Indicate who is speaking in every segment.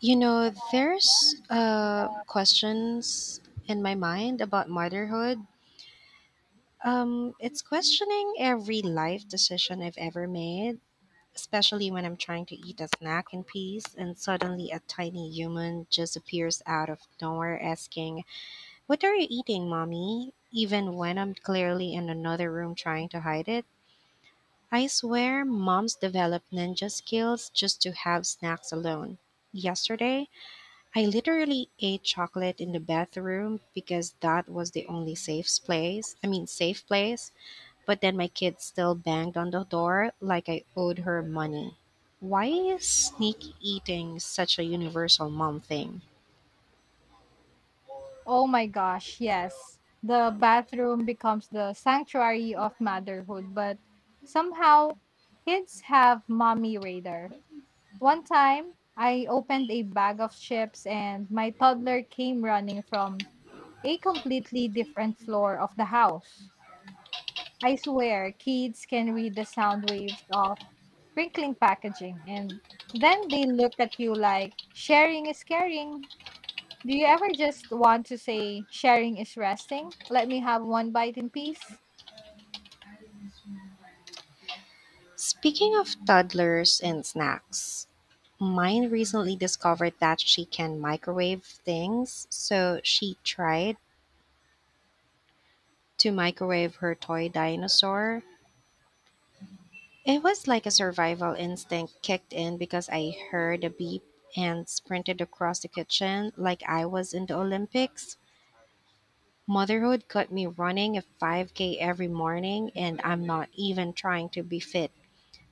Speaker 1: You know, there's Questions in my mind about motherhood. It's questioning every life decision I've ever made, especially when I'm trying to eat a snack in peace and suddenly a tiny human just appears out of nowhere asking, "What are you eating, mommy?" Even when I'm clearly in another room trying to hide it. I swear, moms develop ninja skills just to have snacks alone. Yesterday, I literally ate chocolate in the bathroom because that was the only safe place. But then my kid still banged on the door like I owed her money. Why is sneak eating such a universal mom thing?
Speaker 2: Oh my gosh, yes. The bathroom becomes the sanctuary of motherhood, but somehow kids have mommy radar. One time, I opened a bag of chips and my toddler came running from a completely different floor of the house. I swear, kids can read the sound waves of crinkling packaging and then they look at you like sharing is caring. Do you ever just want to say sharing is resting? Let me have one bite in peace.
Speaker 1: Speaking of toddlers and snacks, mine recently discovered that she can microwave things. So she tried to microwave her toy dinosaur. It was like a survival instinct kicked in because I heard a beep and sprinted across the kitchen like I was in the Olympics. Motherhood got me running a 5K every morning, and I'm not even trying to be fit.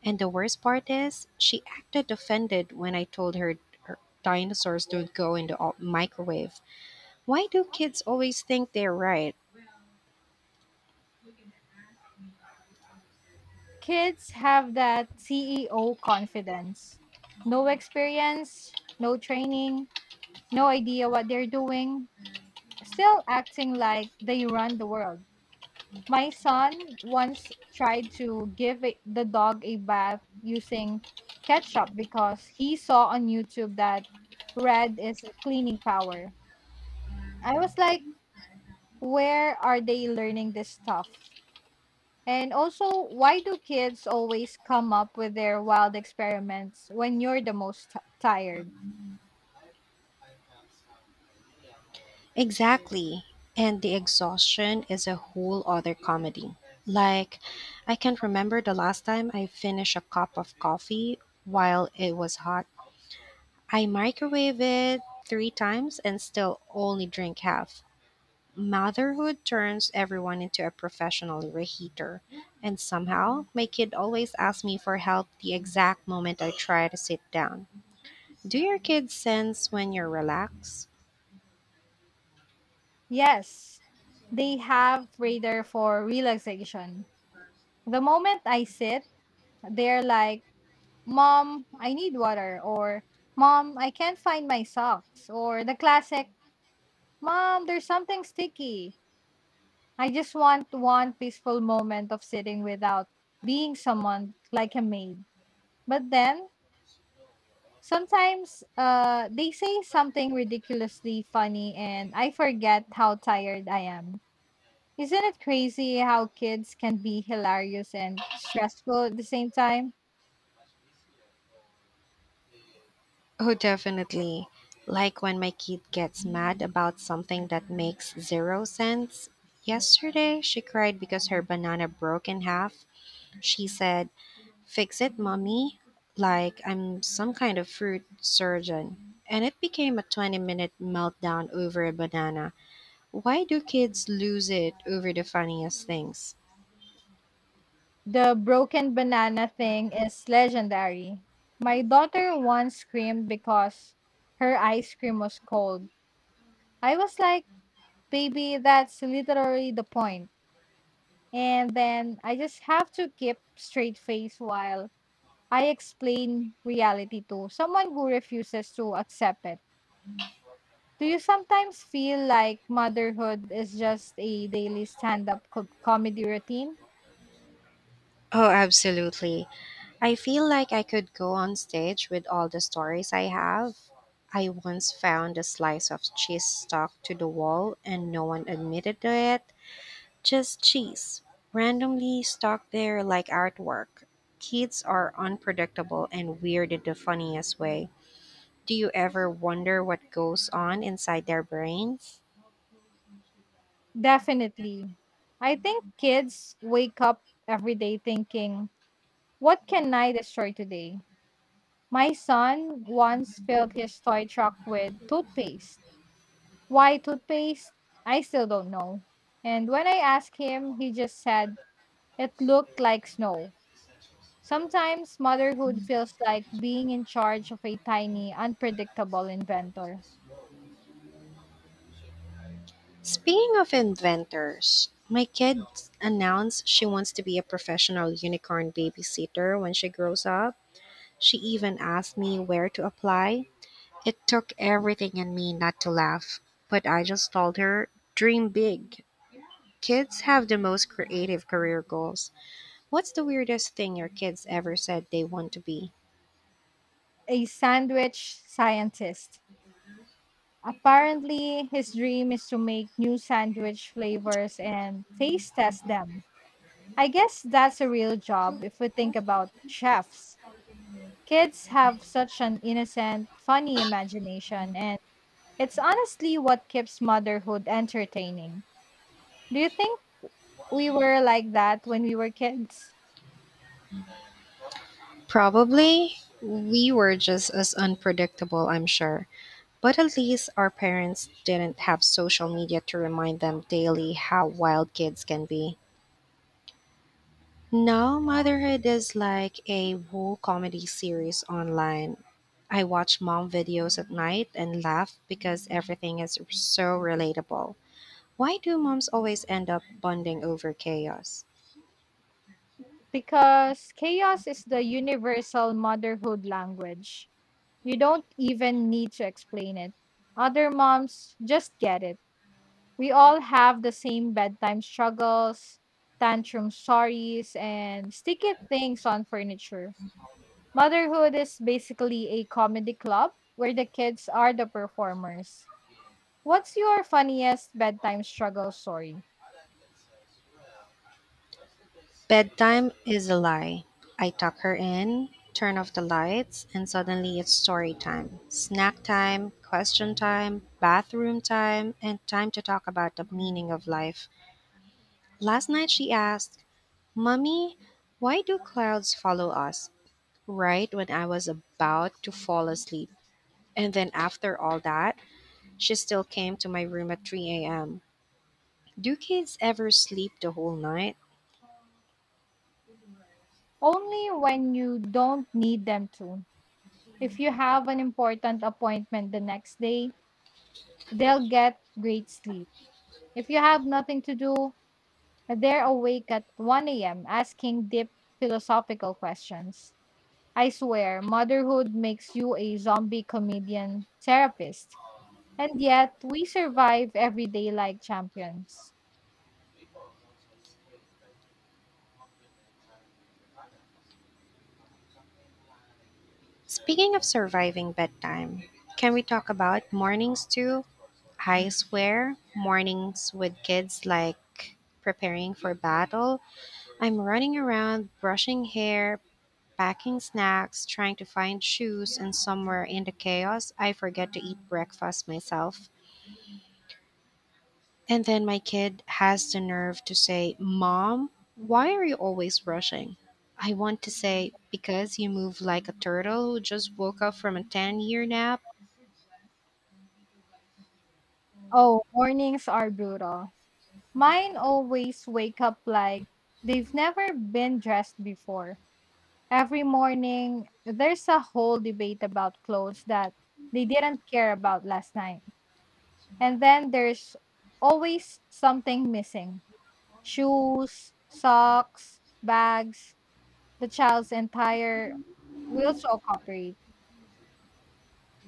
Speaker 1: And the worst part is, she acted offended when I told her, her dinosaurs don't go in the microwave. Why do kids always think they're right?
Speaker 2: Kids have that CEO confidence. No experience, no training, no idea what they're doing, still acting like they run the world. My son once tried to give the dog a bath using ketchup because he saw on YouTube that red is the cleaning power. I was like, where are they learning this stuff? And also, why do kids always come up with their wild experiments when you're the most tired?
Speaker 1: Exactly. And the exhaustion is a whole other comedy. Like, I can't remember the last time I finished a cup of coffee while it was hot. I microwave it 3 times and still only drink half. Motherhood turns everyone into a professional reheater. And somehow, my kid always asks me for help the exact moment I try to sit down. Do your kids sense when you're relaxed?
Speaker 2: Yes, they have radar for relaxation. The moment I sit, they're like, "Mom, I need water," or "Mom, I can't find my socks," or the classic, "Mom, there's something sticky." I just want one peaceful moment of sitting without being someone like a maid. But then, sometimes they say something ridiculously funny and I forget how tired I am. Isn't it crazy how kids can be hilarious and stressful at the same time?
Speaker 1: Oh, definitely. Like when my kid gets mad about something that makes zero sense. Yesterday, she cried because her banana broke in half. She said, "Fix it, mommy." Like I'm some kind of fruit surgeon. And it became a 20-minute meltdown over a banana. Why do kids lose it over the funniest things?
Speaker 2: The broken banana thing is legendary. My daughter once screamed because her ice cream was cold. I was like, baby, that's literally the point. And then I just have to keep straight face while I explain reality to someone who refuses to accept it. Do you sometimes feel like motherhood is just a daily stand up comedy routine?
Speaker 1: Oh, absolutely. I feel like I could go on stage with all the stories I have. I once found a slice of cheese stuck to the wall and no one admitted to it. Just cheese, randomly stuck there like artwork. Kids are unpredictable and weird in the funniest way. Do you ever wonder what goes on inside their brains?
Speaker 2: Definitely. I think kids wake up every day thinking, what can I destroy today? My son once filled his toy truck with toothpaste. Why toothpaste? I still don't know. And when I asked him, he just said, it looked like snow. Sometimes motherhood feels like being in charge of a tiny, unpredictable inventor,
Speaker 1: Speaking of inventors, my kid announced she wants to be a professional unicorn babysitter when she grows up. She even asked me where to apply. It took everything in me not to laugh, but I just told her, "Dream big." Kids have the most creative career goals. What's the weirdest thing your kids ever said they want to be?
Speaker 2: a sandwich scientist. Apparently, his dream is to make new sandwich flavors and taste test them. I guess that's a real job if we think about chefs. Kids have such an innocent, funny imagination, and it's honestly what keeps motherhood entertaining. Do you think we were like that when we were kids?
Speaker 1: Probably we were just as unpredictable, I'm sure. But at least our parents didn't have social media to remind them daily how wild kids can be. Now, motherhood is like a whole comedy series online. I watch mom videos at night and laugh because everything is so relatable. Why do moms always end up bonding over chaos?
Speaker 2: Because chaos is the universal motherhood language. You don't even need to explain it. Other moms just get it. We all have the same bedtime struggles, tantrum stories, and sticky things on furniture. Motherhood is basically a comedy club where the kids are the performers. What's your funniest bedtime struggle story?
Speaker 1: Bedtime is a lie. I tuck her in, turn off the lights, and suddenly it's story time, snack time, question time, bathroom time, and time to talk about the meaning of life. Last night she asked, "Mummy, why do clouds follow us?" Right when I was about to fall asleep. And then after all that, she still came to my room at 3 a.m. Do kids ever sleep the whole night?
Speaker 2: Only when you don't need them to. If you have an important appointment the next day, they'll get great sleep. If you have nothing to do, they're awake at 1 a.m. asking deep philosophical questions. I swear, motherhood makes you a zombie comedian therapist. And yet, we survive every day like champions.
Speaker 1: Speaking of surviving bedtime, can we talk about mornings too? I swear, mornings with kids like preparing for battle. I'm running around, brushing hair, packing snacks, trying to find shoes, and somewhere in the chaos, I forget to eat breakfast myself. And then my kid has the nerve to say, "Mom, why are you always rushing?" I want to say, "Because you move like a turtle who just woke up from a 10-year nap."
Speaker 2: Oh, mornings are brutal. Mine always wake up like they've never been dressed before. Every morning, there's a whole debate about clothes that they didn't care about last night. And then there's always something missing: shoes, socks, bags, the child's entire will shall cooperate.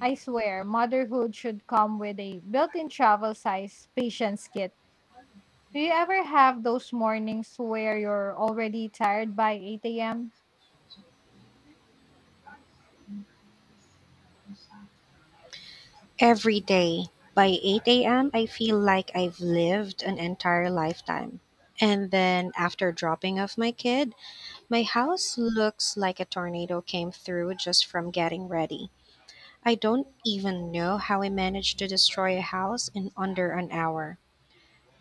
Speaker 2: I swear, motherhood should come with a built in travel size patience kit. Do you ever have those mornings where you're already tired by 8 a.m.?
Speaker 1: Every day by 8 a.m., I feel like I've lived an entire lifetime. And then after dropping off my kid, my house looks like a tornado came through just from getting ready. I don't even know how I managed to destroy a house in under an hour.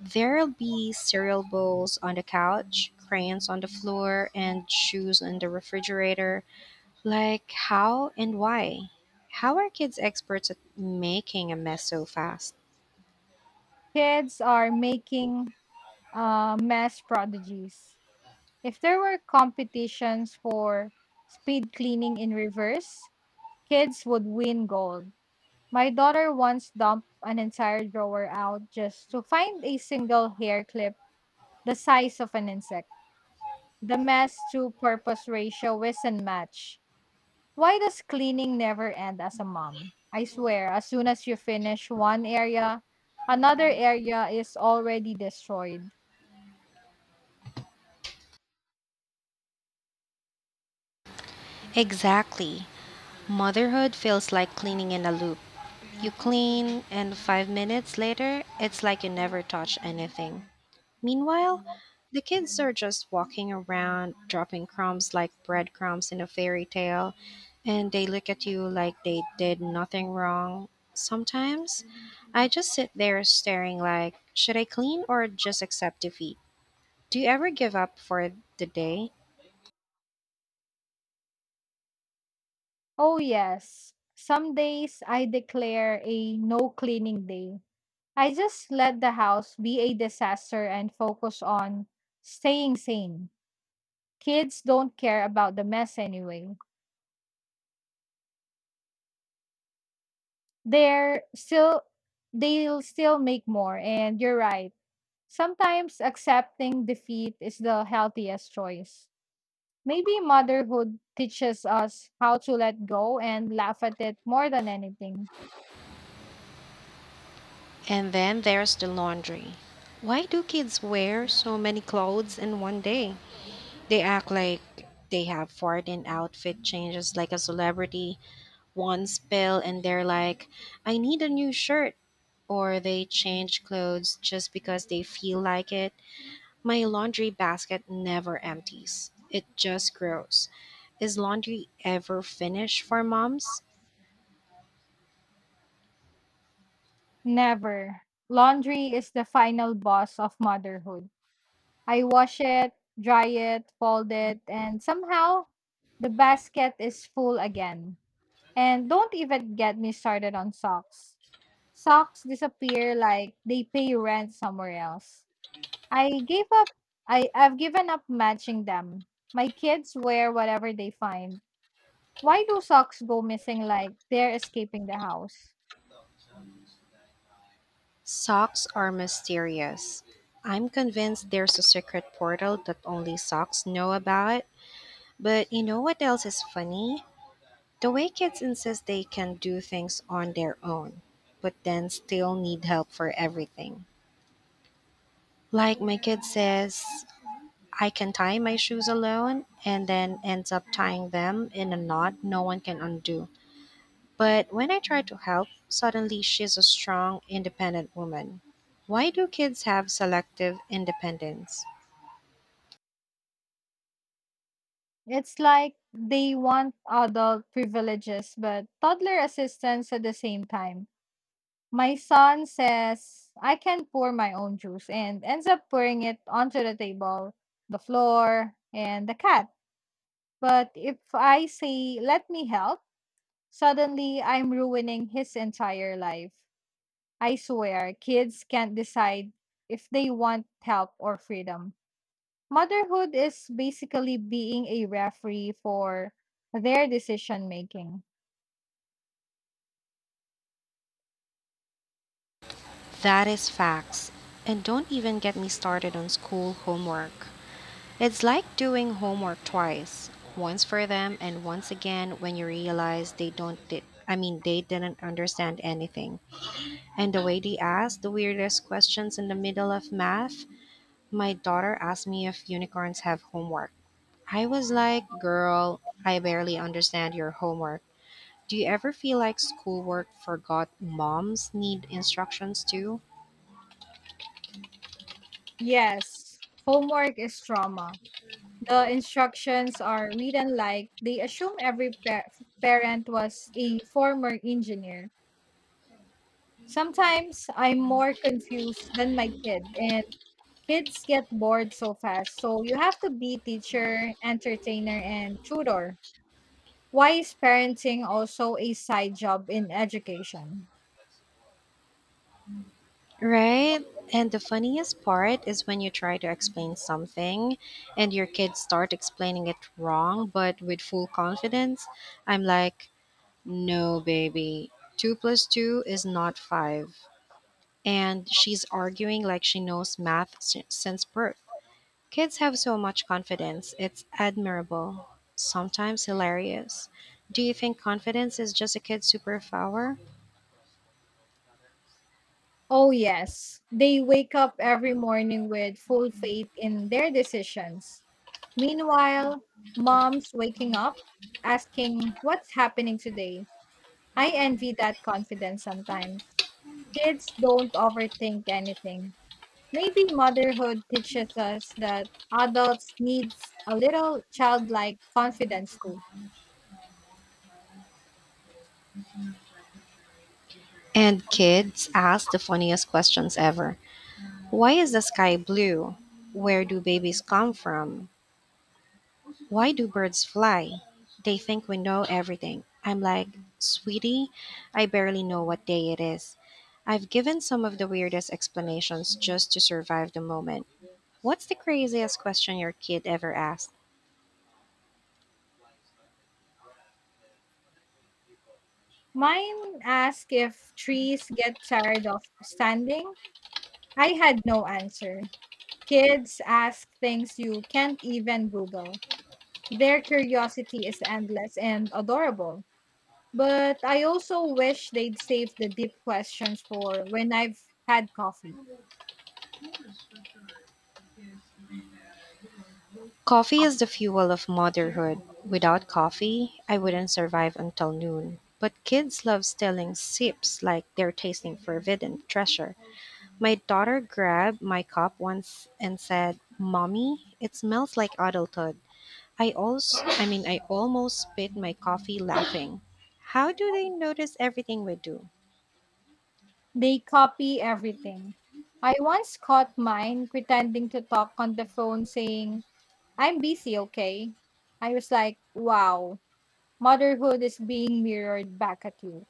Speaker 1: There'll be cereal bowls on the couch, crayons on the floor, and shoes in the refrigerator. Like, how and why? How are kids experts at making a mess so fast?
Speaker 2: Kids are making mass prodigies. If there were competitions for speed cleaning in reverse, kids would win gold. My daughter once dumped an entire drawer out just to find a single hair clip the size of an insect. The mess to purpose ratio isn't match. Why does cleaning never end as a mom? I swear, as soon as you finish one area, another area is already destroyed.
Speaker 1: Exactly. Motherhood feels like cleaning in a loop. You clean, and 5 minutes later, it's like you never touched anything. Meanwhile, the kids are just walking around, dropping crumbs like breadcrumbs in a fairy tale, and they look at you like they did nothing wrong. Sometimes I just sit there staring like, should I clean or just accept defeat? Do you ever give up for the day?
Speaker 2: Oh, yes. Some days I declare a no cleaning day. I just let the house be a disaster and focus on staying sane. Kids don't care about the mess anyway. they're still they'll still make more, and you're right, sometimes accepting defeat is the healthiest choice. Maybe motherhood teaches us how to let go and laugh at it more than anything.
Speaker 1: And then there's the laundry. Why do kids wear so many clothes in one day? They act like they have foreign outfit changes like a celebrity, one spell and they're like, "I need a new shirt." Or they change clothes just because they feel like it. My laundry basket never empties, it just grows. Is laundry ever finished for moms?
Speaker 2: Never. Laundry is the final boss of motherhood. I wash it, dry it, fold it, and somehow the basket is full again. And don't even get me started on socks. Socks disappear like they pay rent somewhere else. I gave up I've given up matching them. My kids wear whatever they find. Why do socks go missing like they're escaping the house?
Speaker 1: Socks are mysterious. I'm convinced there's a secret portal that only socks know about. But you know what else is funny? The way kids insist they can do things on their own, but then still need help for everything. Like my kid says, "I can tie my shoes alone," and then ends up tying them in a knot no one can undo. But when I try to help, suddenly she's a strong, independent woman. Why do kids have selective independence?
Speaker 2: It's like they want adult privileges but toddler assistance at the same time. My son says I can pour my own juice and ends up pouring it onto the table, the floor, and the cat. But if I say, let me help, suddenly, I'm ruining his entire life. I swear, kids can't decide if they want help or freedom. Motherhood is basically being a referee for their decision making.
Speaker 1: That is facts. And don't even get me started on school homework. It's like doing homework twice. Once for them and once again when you realize they don't di- I mean they didn't understand anything. And the way they ask the weirdest questions in the middle of math, my daughter asked me if unicorns have homework. I was like, "Girl, I barely understand your homework." Do you ever feel like schoolwork forgot moms need instructions too?
Speaker 2: Yes, homework is trauma. The instructions are written like they assume every parent was a former engineer. Sometimes I'm more confused than my kid, and kids get bored so fast. So you have to be teacher, entertainer, and tutor. Why is parenting also a side job in education?
Speaker 1: Right? And the funniest part is when you try to explain something and your kids start explaining it wrong but with full confidence. I'm like, "No, baby, two plus two is not five," and she's arguing like she knows since birth. Kids have so much confidence. It's admirable, sometimes hilarious. Do you think confidence is just a kid's superpower?
Speaker 2: Oh, yes. They wake up every morning with full faith in their decisions. Meanwhile, mom's waking up asking, what's happening today? I envy that confidence sometimes. Kids don't overthink anything. Maybe motherhood teaches us that adults needs a little childlike confidence too.
Speaker 1: And kids ask the funniest questions ever. Why is the sky blue? Where do babies come from? Why do birds fly? They think we know everything. I'm like, "Sweetie, I barely know what day it is." I've given some of the weirdest explanations just to survive the moment. What's the craziest question your kid ever asked?
Speaker 2: Mine asked if trees get tired of standing. I had no answer. Kids ask things you can't even Google. Their curiosity is endless and adorable. But I also wish they'd save the deep questions for when I've had coffee.
Speaker 1: Coffee is the fuel of motherhood. Without coffee, I wouldn't survive until noon. But kids love stealing sips like they're tasting forbidden treasure. My daughter grabbed my cup once and said, "Mommy, it smells like adulthood." I also I mean I almost spit my coffee laughing. How do they notice everything we do?
Speaker 2: They copy everything. I once caught mine pretending to talk on the phone saying, I'm busy, okay? I was like, wow, motherhood is being mirrored back at you.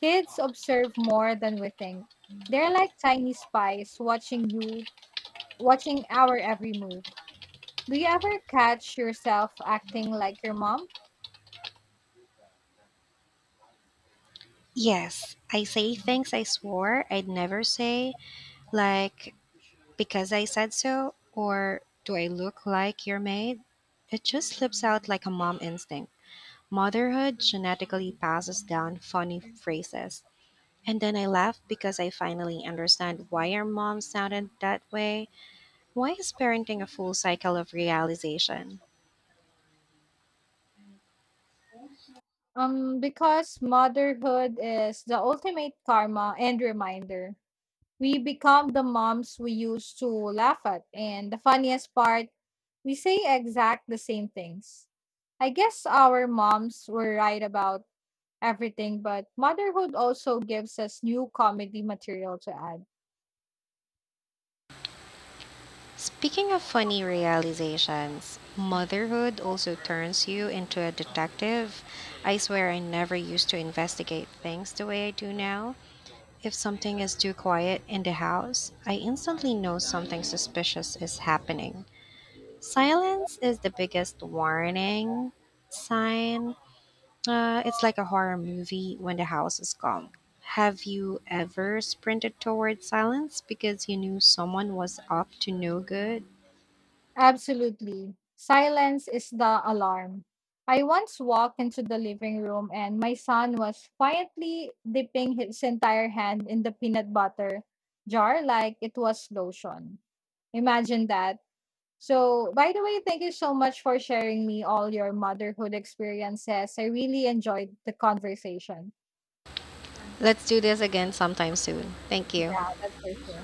Speaker 2: Kids observe more than we think. They're like tiny spies watching you, watching our every move. Do you ever catch yourself acting like your mom?
Speaker 1: Yes, I say things I swore I'd never say, like "because I said so" or "do I look like your maid?" It just slips out like a mom instinct. Motherhood genetically passes down funny phrases. And then I laugh because I finally understand why our mom sounded that way. Why is parenting a full cycle of realization?
Speaker 2: Because motherhood is the ultimate karma and reminder. We become the moms we used to laugh at. And the funniest part, we say exact the same things. I guess our moms were right about everything, but motherhood also gives us new comedy material to add.
Speaker 1: Speaking of funny realizations, motherhood also turns you into a detective. I swear I never used to investigate things the way I do now. If something is too quiet in the house, I instantly know something suspicious is happening. Silence is the biggest warning sign. It's like a horror movie when the house is calm. Have you ever sprinted towards silence because you knew someone was up to no good?
Speaker 2: Absolutely. Silence is the alarm. I once walked into the living room and my son was quietly dipping his entire hand in the peanut butter jar like it was lotion. Imagine that. So, by the way, thank you so much for sharing me all your motherhood experiences. I really enjoyed the conversation.
Speaker 1: Let's do this again sometime soon. Thank you.
Speaker 2: Yeah, that's for sure.